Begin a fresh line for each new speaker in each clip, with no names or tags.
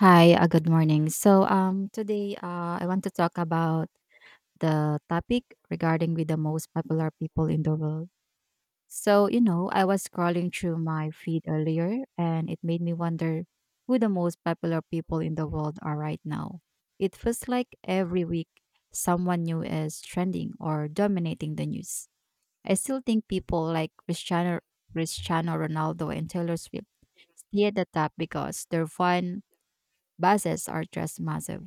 Hi, good morning. So, today I want to talk about the topic regarding with the most popular people in the world. So, I was scrolling through my feed earlier and it made me wonder who the most popular people in the world are right now. It feels like every week someone new is trending or dominating the news. I still think people like Cristiano Ronaldo and Taylor Swift stay at the top because they're fun buses are just massive.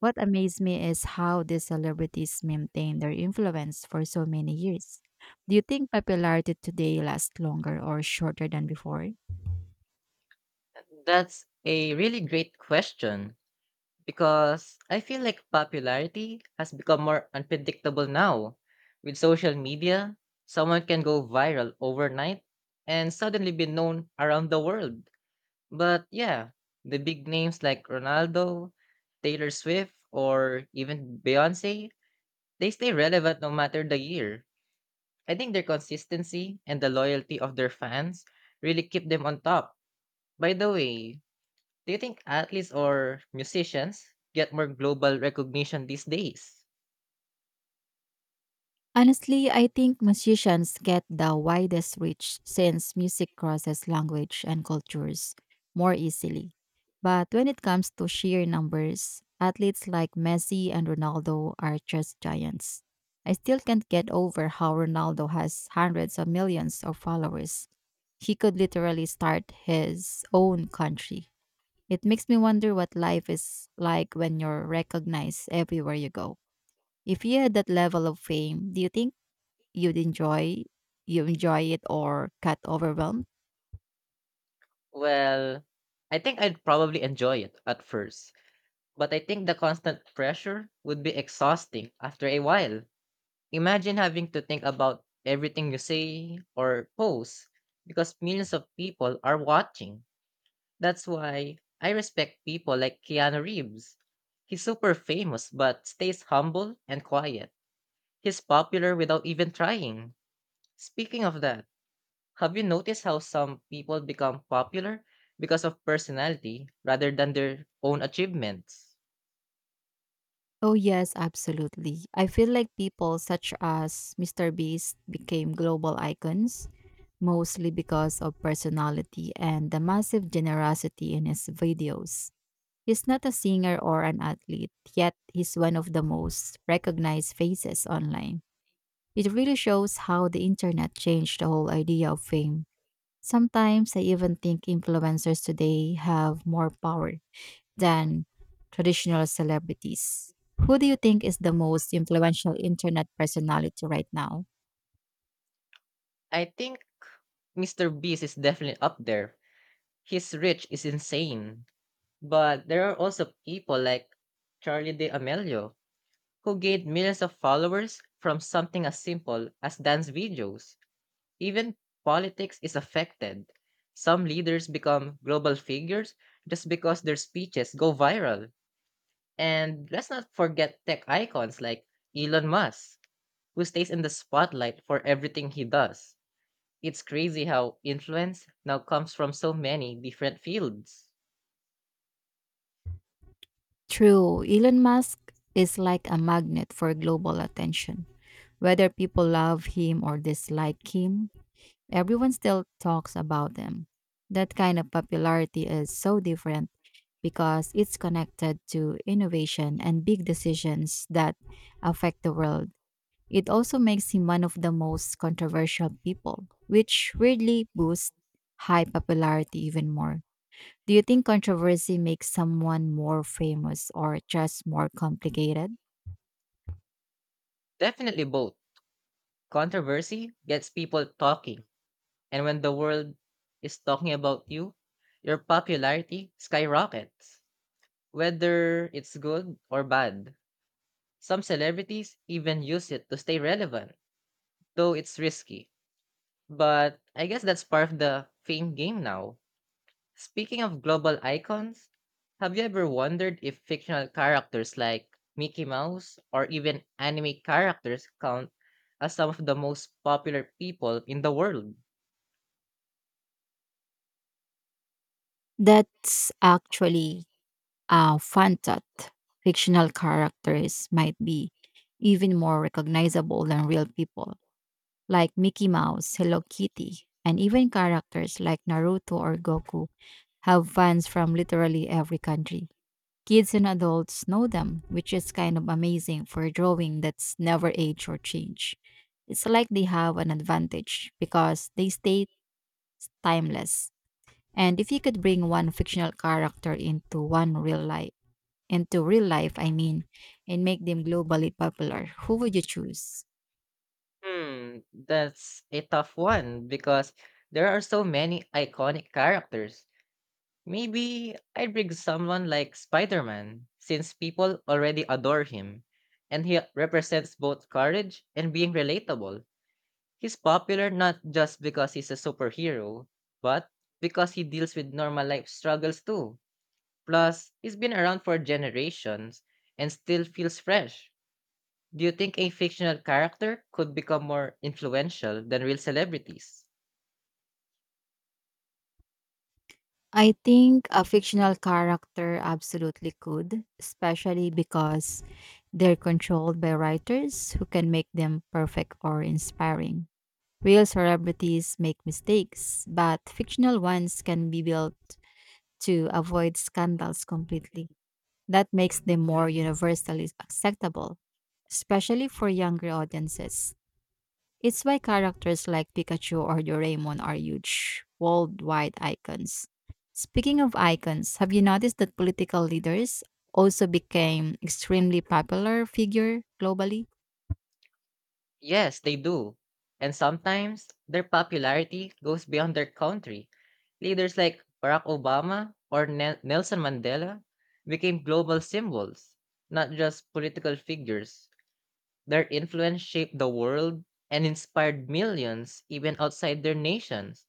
What amazed me is how these celebrities maintain their influence for so many years. Do you think popularity today lasts longer or shorter than before?
That's a really great question because I feel like popularity has become more unpredictable now. With social media, someone can go viral overnight and suddenly be known around the world. But yeah, the big names like Ronaldo, Taylor Swift, or even Beyonce, they stay relevant no matter the year. I think their consistency and the loyalty of their fans really keep them on top. By the way, do you think athletes or musicians get more global recognition these days?
Honestly, I think musicians get the widest reach since music crosses language and cultures more easily. But when it comes to sheer numbers, athletes like Messi and Ronaldo are just giants. I still can't get over how Ronaldo has hundreds of millions of followers. He could literally start his own country. It makes me wonder what life is like when you're recognized everywhere you go. If you had that level of fame, do you think you'd enjoy you enjoy it or got overwhelmed?
Well, I think I'd probably enjoy it at first, but I think the constant pressure would be exhausting after a while. Imagine having to think about everything you say or post because millions of people are watching. That's why I respect people like Keanu Reeves. He's super famous but stays humble and quiet. He's popular without even trying. Speaking of that, have you noticed how some people become popular because of personality rather than their own achievements?
Oh, yes, absolutely. I feel like people such as Mr. Beast became global icons mostly because of personality and the massive generosity in his videos. He's not a singer or an athlete, yet he's one of the most recognized faces online. It really shows how the internet changed the whole idea of fame. Sometimes I even think influencers today have more power than traditional celebrities. Who do you think is the most influential internet personality right now?
I think Mr. Beast is definitely up there. His reach is insane. But there are also people like Charli D'Amelio who gained millions of followers from something as simple as dance videos. Even politics is affected. Some leaders become global figures just because their speeches go viral. And let's not forget tech icons like Elon Musk, who stays in the spotlight for everything he does. It's crazy how influence now comes from so many different fields.
True, Elon Musk is like a magnet for global attention. Whether people love him or dislike him, everyone still talks about him. That kind of popularity is so different because it's connected to innovation and big decisions that affect the world. It also makes him one of the most controversial people, which weirdly boosts high popularity even more. Do you think controversy makes someone more famous or just more complicated?
Definitely both. Controversy gets people talking, and when the world is talking about you, your popularity skyrockets, whether it's good or bad. Some celebrities even use it to stay relevant, though it's risky. But I guess that's part of the fame game now. Speaking of global icons, have you ever wondered if fictional characters like Mickey Mouse or even anime characters count as some of the most popular people in the world?
That's actually a fun thought. Fictional characters might be even more recognizable than real people, like Mickey Mouse, Hello Kitty, and even characters like Naruto or Goku have fans from literally every country. Kids and adults know them, which is kind of amazing for a drawing that's never age or change. It's like they have an advantage because they stay timeless. And if you could bring one fictional character into real life, I mean, and make them globally popular, who would you choose?
Hmm, that's a tough one because there are so many iconic characters. Maybe I'd bring someone like Spider Man, since people already adore him, and he represents both courage and being relatable. He's popular not just because he's a superhero, but because he deals with normal life struggles too. Plus, he's been around for generations and still feels fresh. Do you think a fictional character could become more influential than real celebrities?
I think a fictional character absolutely could, especially because they're controlled by writers who can make them perfect or inspiring. Real celebrities make mistakes, but fictional ones can be built to avoid scandals completely. That makes them more universally acceptable, especially for younger audiences. It's why characters like Pikachu or Doraemon are huge, worldwide icons. Speaking of icons, have you noticed that political leaders also became extremely popular figure globally?
Yes, they do. And sometimes their popularity goes beyond their country. Leaders like Barack Obama or Nelson Mandela became global symbols, not just political figures. Their influence shaped the world and inspired millions even outside their nations.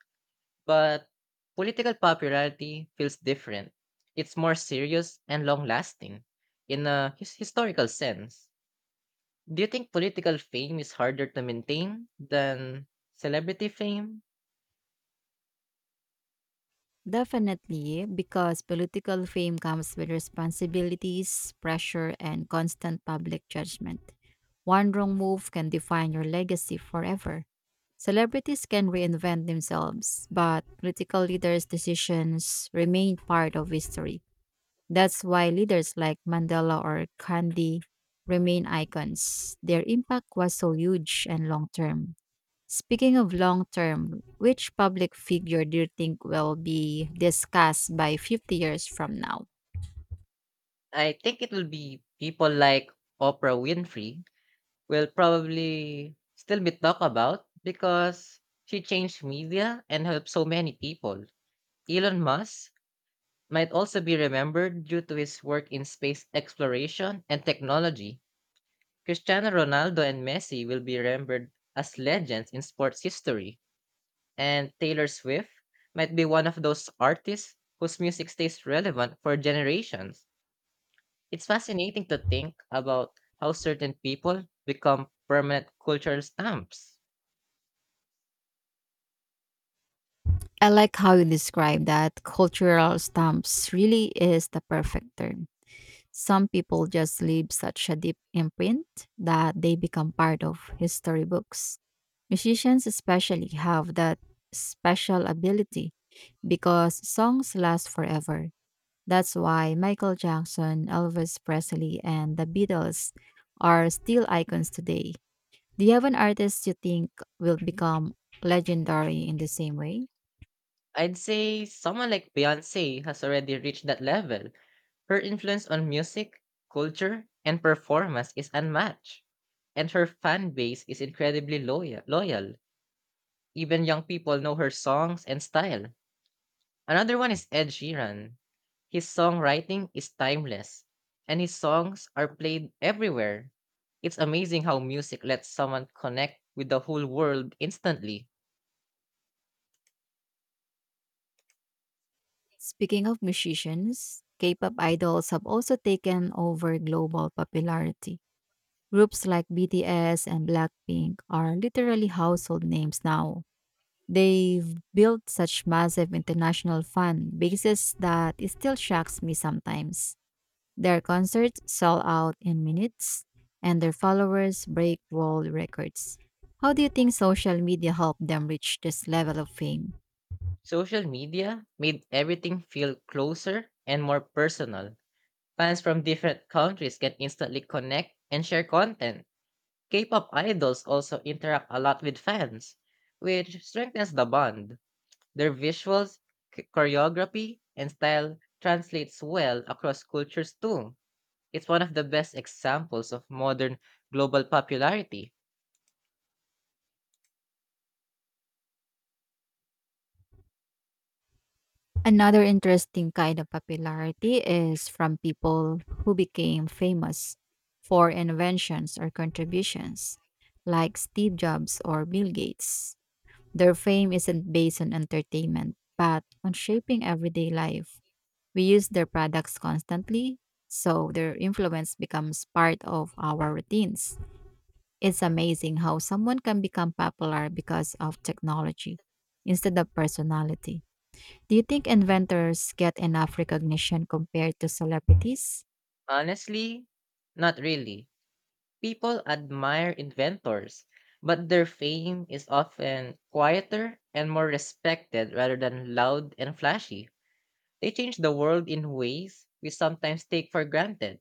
But political popularity feels different. It's more serious and long lasting in a historical sense. Do you think political fame is harder to maintain than celebrity fame?
Definitely, because political fame comes with responsibilities, pressure, and constant public judgment. One wrong move can define your legacy forever. Celebrities can reinvent themselves, but political leaders' decisions remain part of history. That's why leaders like Mandela or Gandhi remain icons. Their impact was so huge and long term. Speaking of long term, which public figure do you think will be discussed by 50 years from now?
I think it will be people like Oprah Winfrey will probably still be talked about because she changed media and helped so many people. Elon Musk might also be remembered due to his work in space exploration and technology. Cristiano Ronaldo and Messi will be remembered as legends in sports history, and Taylor Swift might be one of those artists whose music stays relevant for generations. It's fascinating to think about how certain people become permanent cultural stamps.
I like how you describe that cultural stamps really is the perfect term. Some people just leave such a deep imprint that they become part of history books. Musicians, especially, have that special ability because songs last forever. That's why Michael Jackson, Elvis Presley, and the Beatles are still icons today. Do you have an artist you think will become legendary in the same way?
I'd say someone like Beyonce has already reached that level. Her influence on music, culture, and performance is unmatched, and her fan base is incredibly loyal. Even young people know her songs and style. Another one is Ed Sheeran. His songwriting is timeless, and his songs are played everywhere. It's amazing how music lets someone connect with the whole world instantly.
Speaking of musicians, K pop idols have also taken over global popularity. Groups like BTS and Blackpink are literally household names now. They've built such massive international fan bases that it still shocks me sometimes. Their concerts sell out in minutes and their followers break world records. How do you think social media helped them reach this level of fame?
Social media made everything feel closer and more personal. Fans from different countries can instantly connect and share content. K pop idols also interact a lot with fans, which strengthens the bond. Their visuals, choreography, and style translates well across cultures too. It's one of the best examples of modern global popularity.
Another interesting kind of popularity is from people who became famous for inventions or contributions, like Steve Jobs or Bill Gates. Their fame isn't based on entertainment, but on shaping everyday life. We use their products constantly, so their influence becomes part of our routines. It's amazing how someone can become popular because of technology instead of personality. Do you think inventors get enough recognition compared to celebrities?
Honestly, not really. People admire inventors, but their fame is often quieter and more respected rather than loud and flashy. They change the world in ways we sometimes take for granted,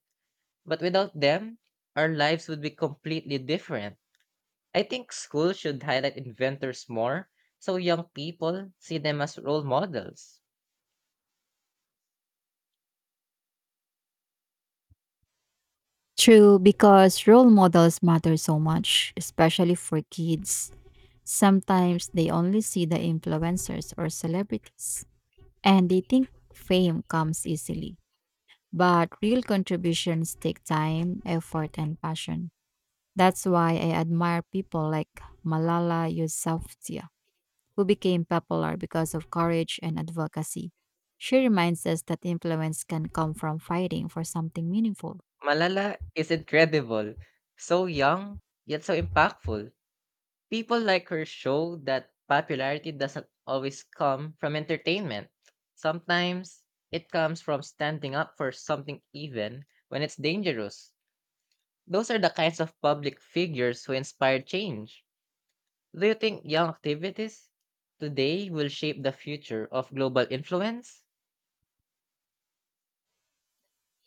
but without them, our lives would be completely different. I think schools should highlight inventors more so young people see them as role models.
True, because role models matter so much, especially for kids. Sometimes they only see the influencers or celebrities, and they think fame comes easily. But real contributions take time, effort, and passion. That's why I admire people like Malala Yousafzai, who became popular because of courage and advocacy. She reminds us that influence can come from fighting for something meaningful.
Malala is incredible, so young, yet so impactful. People like her show that popularity doesn't always come from entertainment. Sometimes it comes from standing up for something even when it's dangerous. Those are the kinds of public figures who inspire change. Do you think young activities today will shape the future of global influence?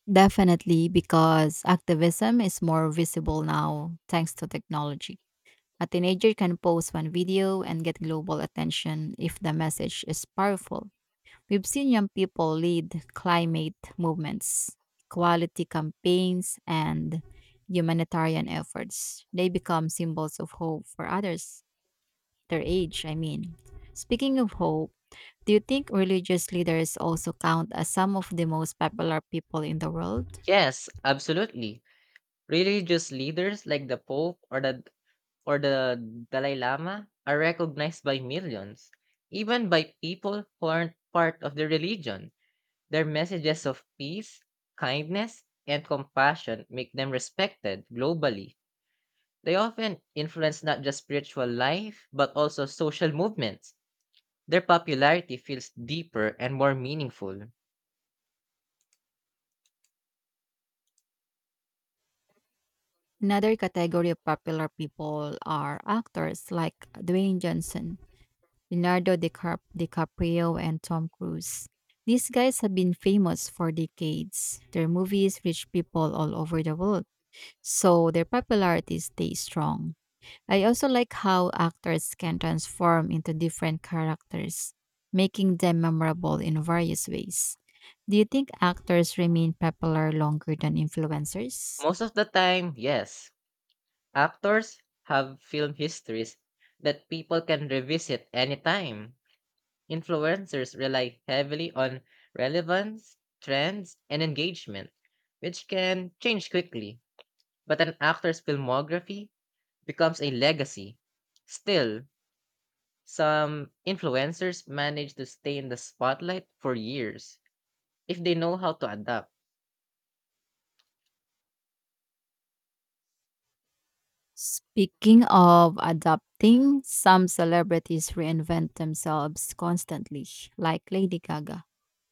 Definitely, because activism is more visible now thanks to technology. A teenager can post one video and get global attention if the message is powerful. We've seen young people lead climate movements, equality campaigns, and humanitarian efforts. They become symbols of hope for others, their age, I mean. Speaking of hope, do you think religious leaders also count as some of the most popular people in the world?
Yes, absolutely. Religious leaders like the Pope or the Dalai Lama are recognized by millions, even by people who aren't part of the religion. Their messages of peace, kindness, and compassion make them respected globally. They often influence not just spiritual life, but also social movements. Their popularity feels deeper and more meaningful.
Another category of popular people are actors like Dwayne Johnson. Leonardo DiCaprio and Tom Cruise. These guys have been famous for decades. Their movies reach people all over the world, so their popularity stays strong. I also like how actors can transform into different characters, making them memorable in various ways. Do you think actors remain popular longer than influencers?
Most of the time, yes. Actors have film histories that people can revisit anytime. Influencers rely heavily on relevance, trends, and engagement, which can change quickly. But an actor's filmography becomes a legacy. Still, some influencers manage to stay in the spotlight for years if they know how to adapt.
Speaking of adapting, some celebrities reinvent themselves constantly, like Lady Gaga.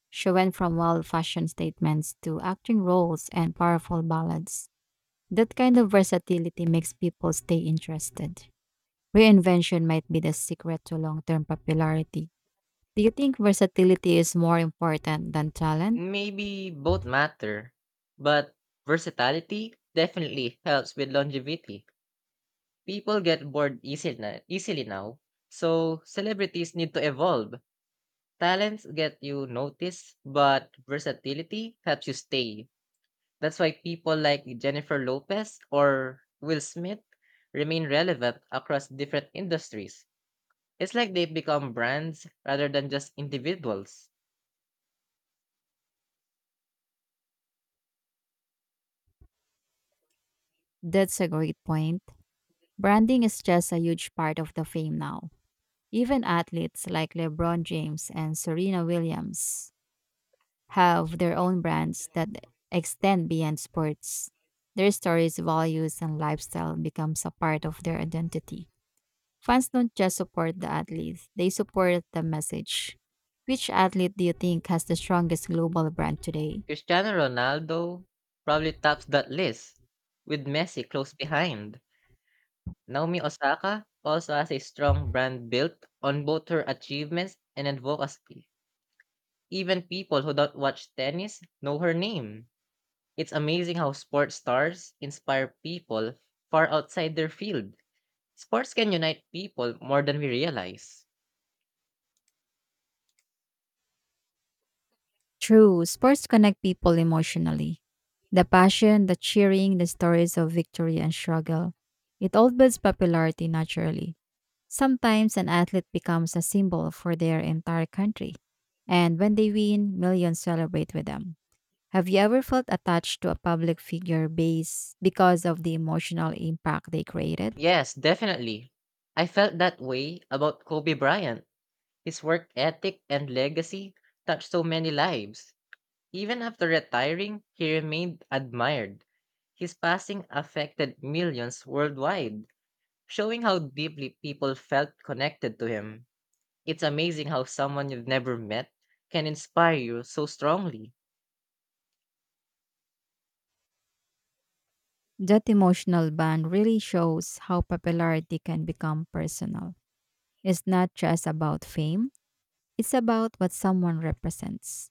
She went from wild fashion statements to acting roles and powerful ballads. That kind of versatility makes people stay interested. Reinvention might be the secret to long term popularity. Do you think versatility is more important than talent?
Maybe both matter, but versatility definitely helps with longevity. People get bored easily now, so celebrities need to evolve. Talents get you noticed, but versatility helps you stay. That's why people like Jennifer Lopez or Will Smith remain relevant across different industries. It's like they've become brands rather than just individuals.
That's a great point. Branding is just a huge part of the fame now. Even athletes like LeBron James and Serena Williams have their own brands that extend beyond sports. Their stories, values, and lifestyle becomes a part of their identity. Fans don't just support the athlete, they support the message. Which athlete do you think has the strongest global brand today?
Cristiano Ronaldo probably tops that list, with Messi close behind. Naomi Osaka also has a strong brand built on both her achievements and advocacy. Even people who don't watch tennis know her name. It's amazing how sports stars inspire people far outside their field. Sports can unite people more than we realize.
True, sports connect people emotionally. The passion, the cheering, the stories of victory and struggle. It all builds popularity naturally. Sometimes an athlete becomes a symbol for their entire country. And when they win, millions celebrate with them. Have you ever felt attached to a public figure base because of the emotional impact they created?
Yes, definitely. I felt that way about Kobe Bryant. His work ethic and legacy touched so many lives. Even after retiring, he remained admired. His passing affected millions worldwide, showing how deeply people felt connected to him. It's amazing how someone you've never met can inspire you so strongly.
That emotional bond really shows how popularity can become personal. It's not just about fame. It's about what someone represents.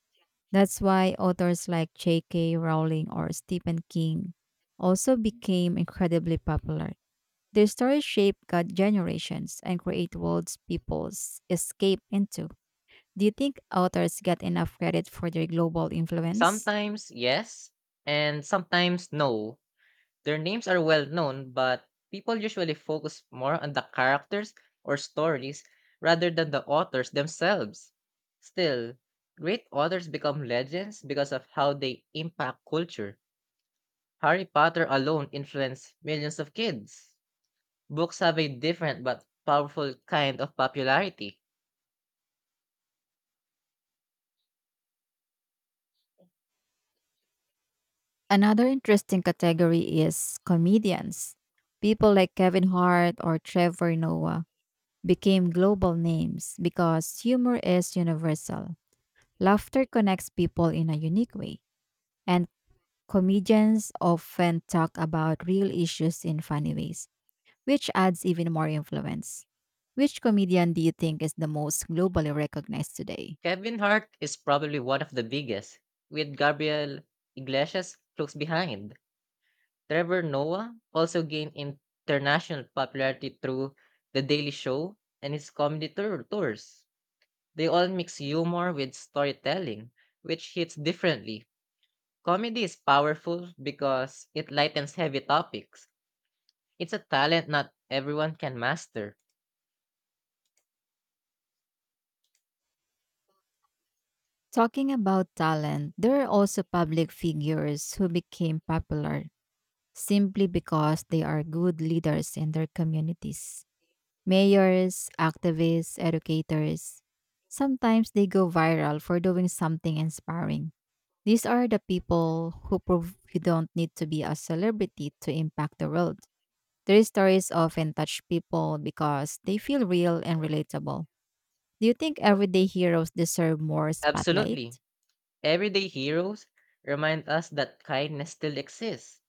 That's why authors like J.K. Rowling or Stephen King also became incredibly popular. Their stories shape God generations and create worlds peoples escape into. Do you think authors get enough credit for their global influence?
Sometimes, yes, and sometimes, no. Their names are well known, but people usually focus more on the characters or stories rather than the authors themselves. Still, great authors become legends because of how they impact culture. Harry Potter alone influenced millions of kids. Books have a different but powerful kind of popularity.
Another interesting category is comedians. People like Kevin Hart or Trevor Noah became global names because humor is universal. Laughter connects people in a unique way, and comedians often talk about real issues in funny ways, which adds even more influence. Which comedian do you think is the most globally recognized today?
Kevin Hart is probably one of the biggest, with Gabriel Iglesias close behind. Trevor Noah also gained international popularity through The Daily Show and his comedy tours. They all mix humor with storytelling, which hits differently. Comedy is powerful because it lightens heavy topics. It's a talent not everyone can master.
Talking about talent, there are also public figures who became popular simply because they are good leaders in their communities. Mayors, activists, educators. Sometimes they go viral for doing something inspiring. These are the people who prove you don't need to be a celebrity to impact the world. Their stories often touch people because they feel real and relatable. Do you think everyday heroes deserve more
Absolutely.
spotlight?
Everyday heroes remind us that kindness still exists.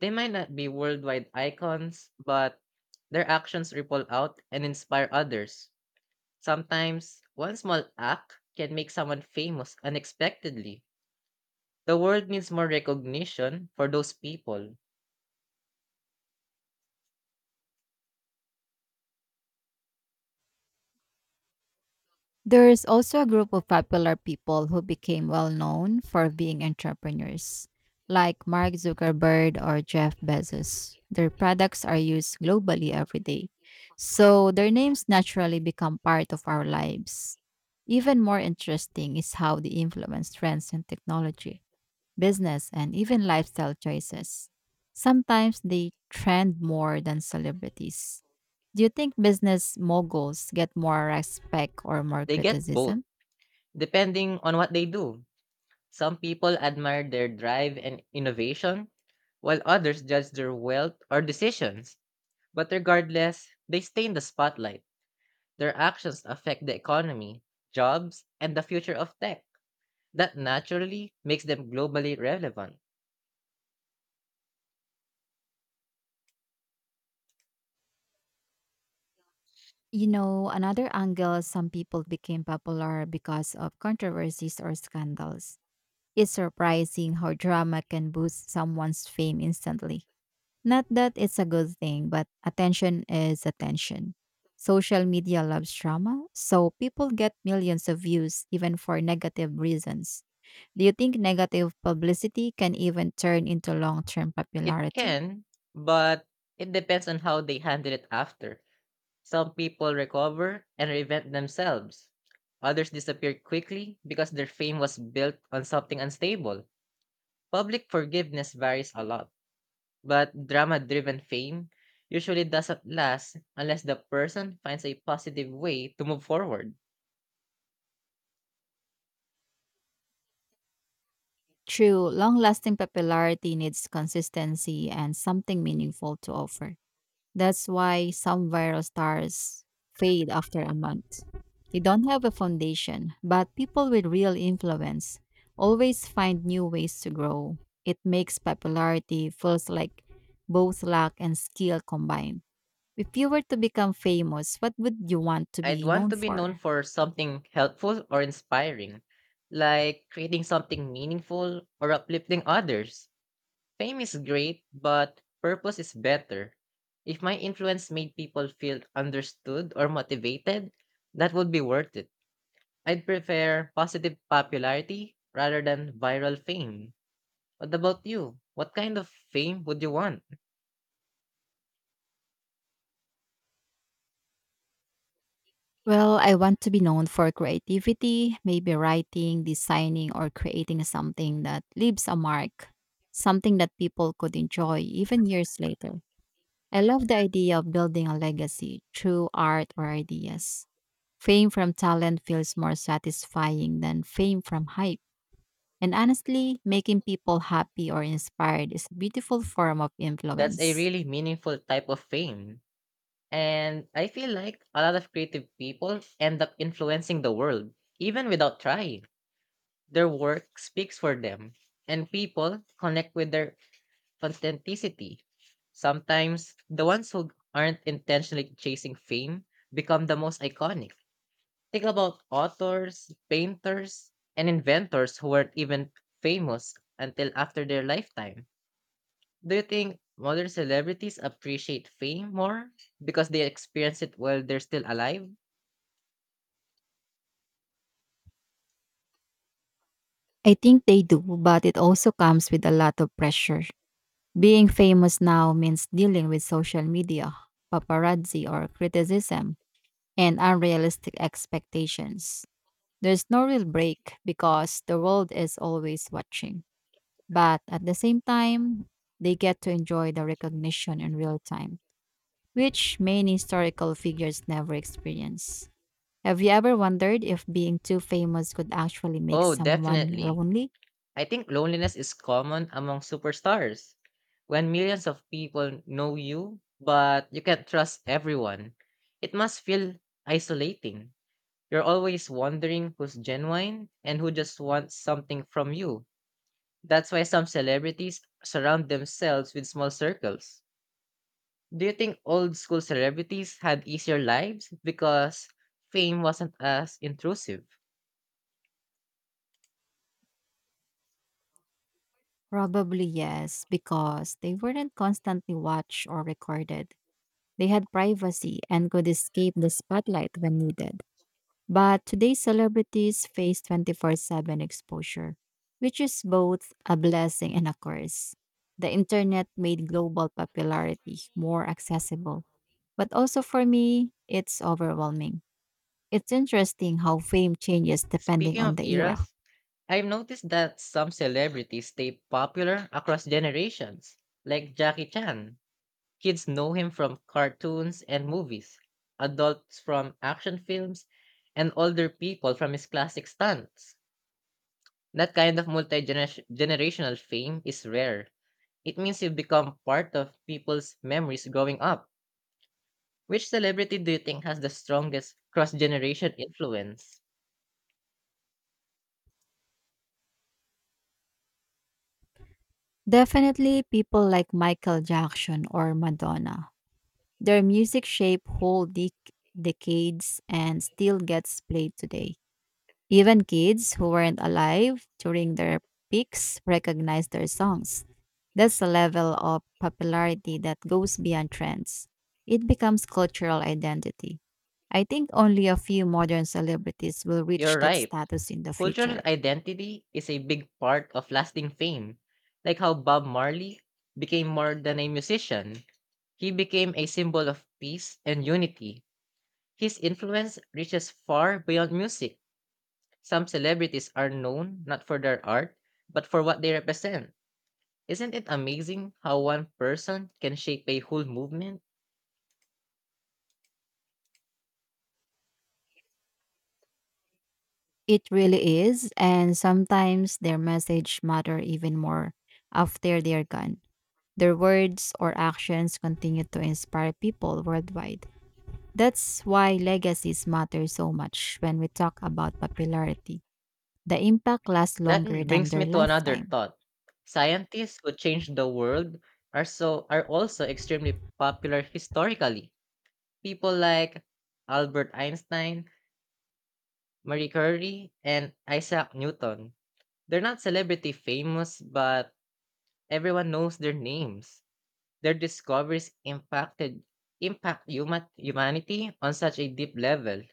They might not be worldwide icons, but their actions ripple out and inspire others. Sometimes one small act can make someone famous unexpectedly. The world needs more recognition for those people.
There is also a group of popular people who became well known for being entrepreneurs, like Mark Zuckerberg or Jeff Bezos. Their products are used globally every day, so their names naturally become part of our lives. Even more interesting is how they influence trends in technology, business, and even lifestyle choices. Sometimes they trend more than celebrities. Do you think business moguls get more respect or more
They get both,
criticism?
depending on what they do. Some people admire their drive and innovation, while others judge their wealth or decisions. But regardless, they stay in the spotlight. Their actions affect the economy, jobs, and the future of tech. That naturally makes them globally relevant.
You know, another angle some people became popular because of controversies or scandals. It's surprising how drama can boost someone's fame instantly. Not that it's a good thing, but attention is attention. Social media loves drama, so people get millions of views even for negative reasons. Do you think negative publicity can even turn into long term
It
popularity?
can, but it depends on how they handle it after. Some people recover and reinvent themselves. Others disappear quickly because their fame was built on something unstable. Public forgiveness varies a lot, but drama driven fame usually doesn't last unless the person finds a positive way to move forward.
True, long lasting popularity needs consistency and something meaningful to offer. That's why some viral stars fade after a month. They don't have a foundation, but people with real influence always find new ways to grow. It makes popularity feels like both luck and skill combined. If you were to become famous, what would you want to
I'd
be
want
known
to be known
for?
for something helpful or inspiring, like creating something meaningful or uplifting others. Fame is great, but purpose is better. If my influence made people feel understood or motivated, that would be worth it. I'd prefer positive popularity rather than viral fame. What about you? What kind of fame would you want?
Well, I want to be known for creativity, maybe writing, designing, or creating something that leaves a mark, something that people could enjoy even years later. I love the idea of building a legacy through art or ideas. Fame from talent feels more satisfying than fame from hype. And honestly, making people happy or inspired is a beautiful form of
That's a
influence.
really meaningful type of fame. And I feel like a lot of creative people end up influencing the world, even without trying. Their work speaks for them, and people connect with their authenticity. Sometimes the ones who aren't intentionally chasing fame become the most iconic. Think about authors, painters, and inventors who weren't even famous until after their lifetime. Do you think modern celebrities appreciate fame more because they experience it while they're still alive?
I think they do, but it also comes with a lot of pressure. Being famous now means dealing with social media, paparazzi or criticism, and unrealistic expectations. There's no real break because the world is always watching. But at the same time, they get to enjoy the recognition in real time, which many historical figures never experience. Have you ever wondered if being too famous could actually make
Oh,
someone
definitely.
lonely?
I think loneliness is common among superstars. When millions of people know you, but you can't trust everyone, it must feel isolating. You're always wondering who's genuine and who just wants something from you. That's why some celebrities surround themselves with small circles. Do you think old school celebrities had easier lives because fame wasn't as intrusive?
Probably yes, because they weren't constantly watched or recorded. They had privacy and could escape the spotlight when needed. But today's celebrities face 24/7 exposure, which is both a blessing and a curse. The internet made global popularity more accessible. But also for me, it's overwhelming. It's interesting how fame changes depending
Speaking
on
of
the era.
eras, I've noticed that some celebrities stay popular across generations, like Jackie Chan. Kids know him from cartoons and movies, adults from action films, and older people from his classic stunts. That kind of multi generational fame is rare. It means you become part of people's memories growing up. Which celebrity do you think has the strongest cross generation influence?
Definitely people like Michael Jackson or Madonna. Their music shaped whole decades and still gets played today. Even kids who weren't alive during their peaks recognize their songs. That's a level of popularity that goes beyond trends. It becomes cultural identity. I think only a few modern celebrities will reach
You're
that
right.
status in the
Cultural
future.
identity is a big part of lasting fame, like how Bob Marley became more than a musician. He became a symbol of peace and unity. His influence reaches far beyond music. Some celebrities are known not for their art, but for what they represent. Isn't it amazing how one person can shape a whole movement?
It really is, and sometimes their message matter even more after they're gone. Their words or actions continue to inspire people worldwide. That's why legacies matter so much when we talk about popularity. The impact lasts
That
longer
m-
than
brings
their
me to another
lifetime.
thought. Scientists who changed the world are also extremely popular historically. People like Albert Einstein, Marie Curie, and Isaac Newton. They're not celebrity famous, but everyone knows their names. Their discoveries impact humanity on such a deep level.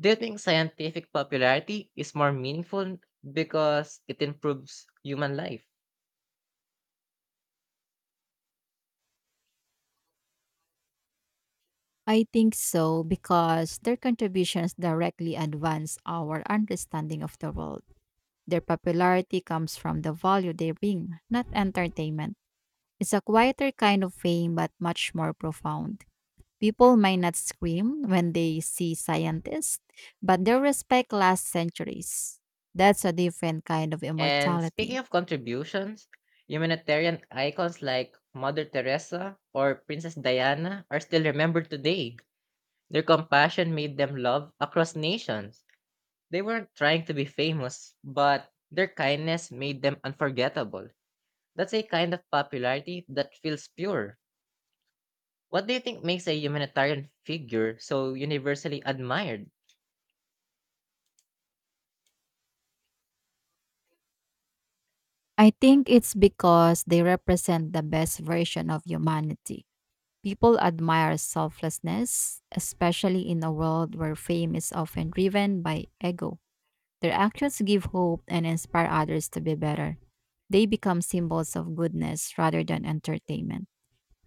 Do you think scientific popularity is more meaningful because it improves human life?
I think so because their contributions directly advance our understanding of the world. Their popularity comes from the value they bring, not entertainment. It's a quieter kind of fame but much more profound. People may not scream when they see scientists, but their respect lasts centuries. That's a different kind of
And speaking
immortality.
of contributions, humanitarian icons like Mother Teresa or Princess Diana are still remembered today. Their compassion made them loved across nations. They weren't trying to be famous, but their kindness made them unforgettable. That's a kind of popularity that feels pure. What do you think makes a humanitarian figure so universally admired?
I think it's because they represent the best version of humanity. People admire selflessness, especially in a world where fame is often driven by ego. Their actions give hope and inspire others to be better. They become symbols of goodness rather than entertainment.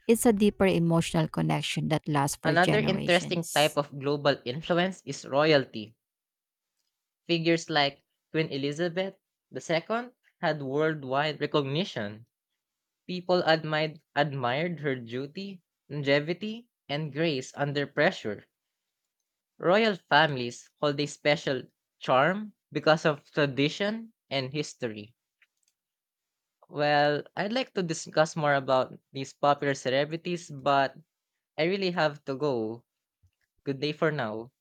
It's a deeper emotional connection that lasts for
Another interesting
generations.
type of global influence is royalty. Figures like Queen Elizabeth II had worldwide recognition. People admired her duty, longevity, and grace under pressure. Royal families hold a special charm because of tradition and history. Well, I'd like to discuss more about these popular celebrities, but I really have to go. Good day for now.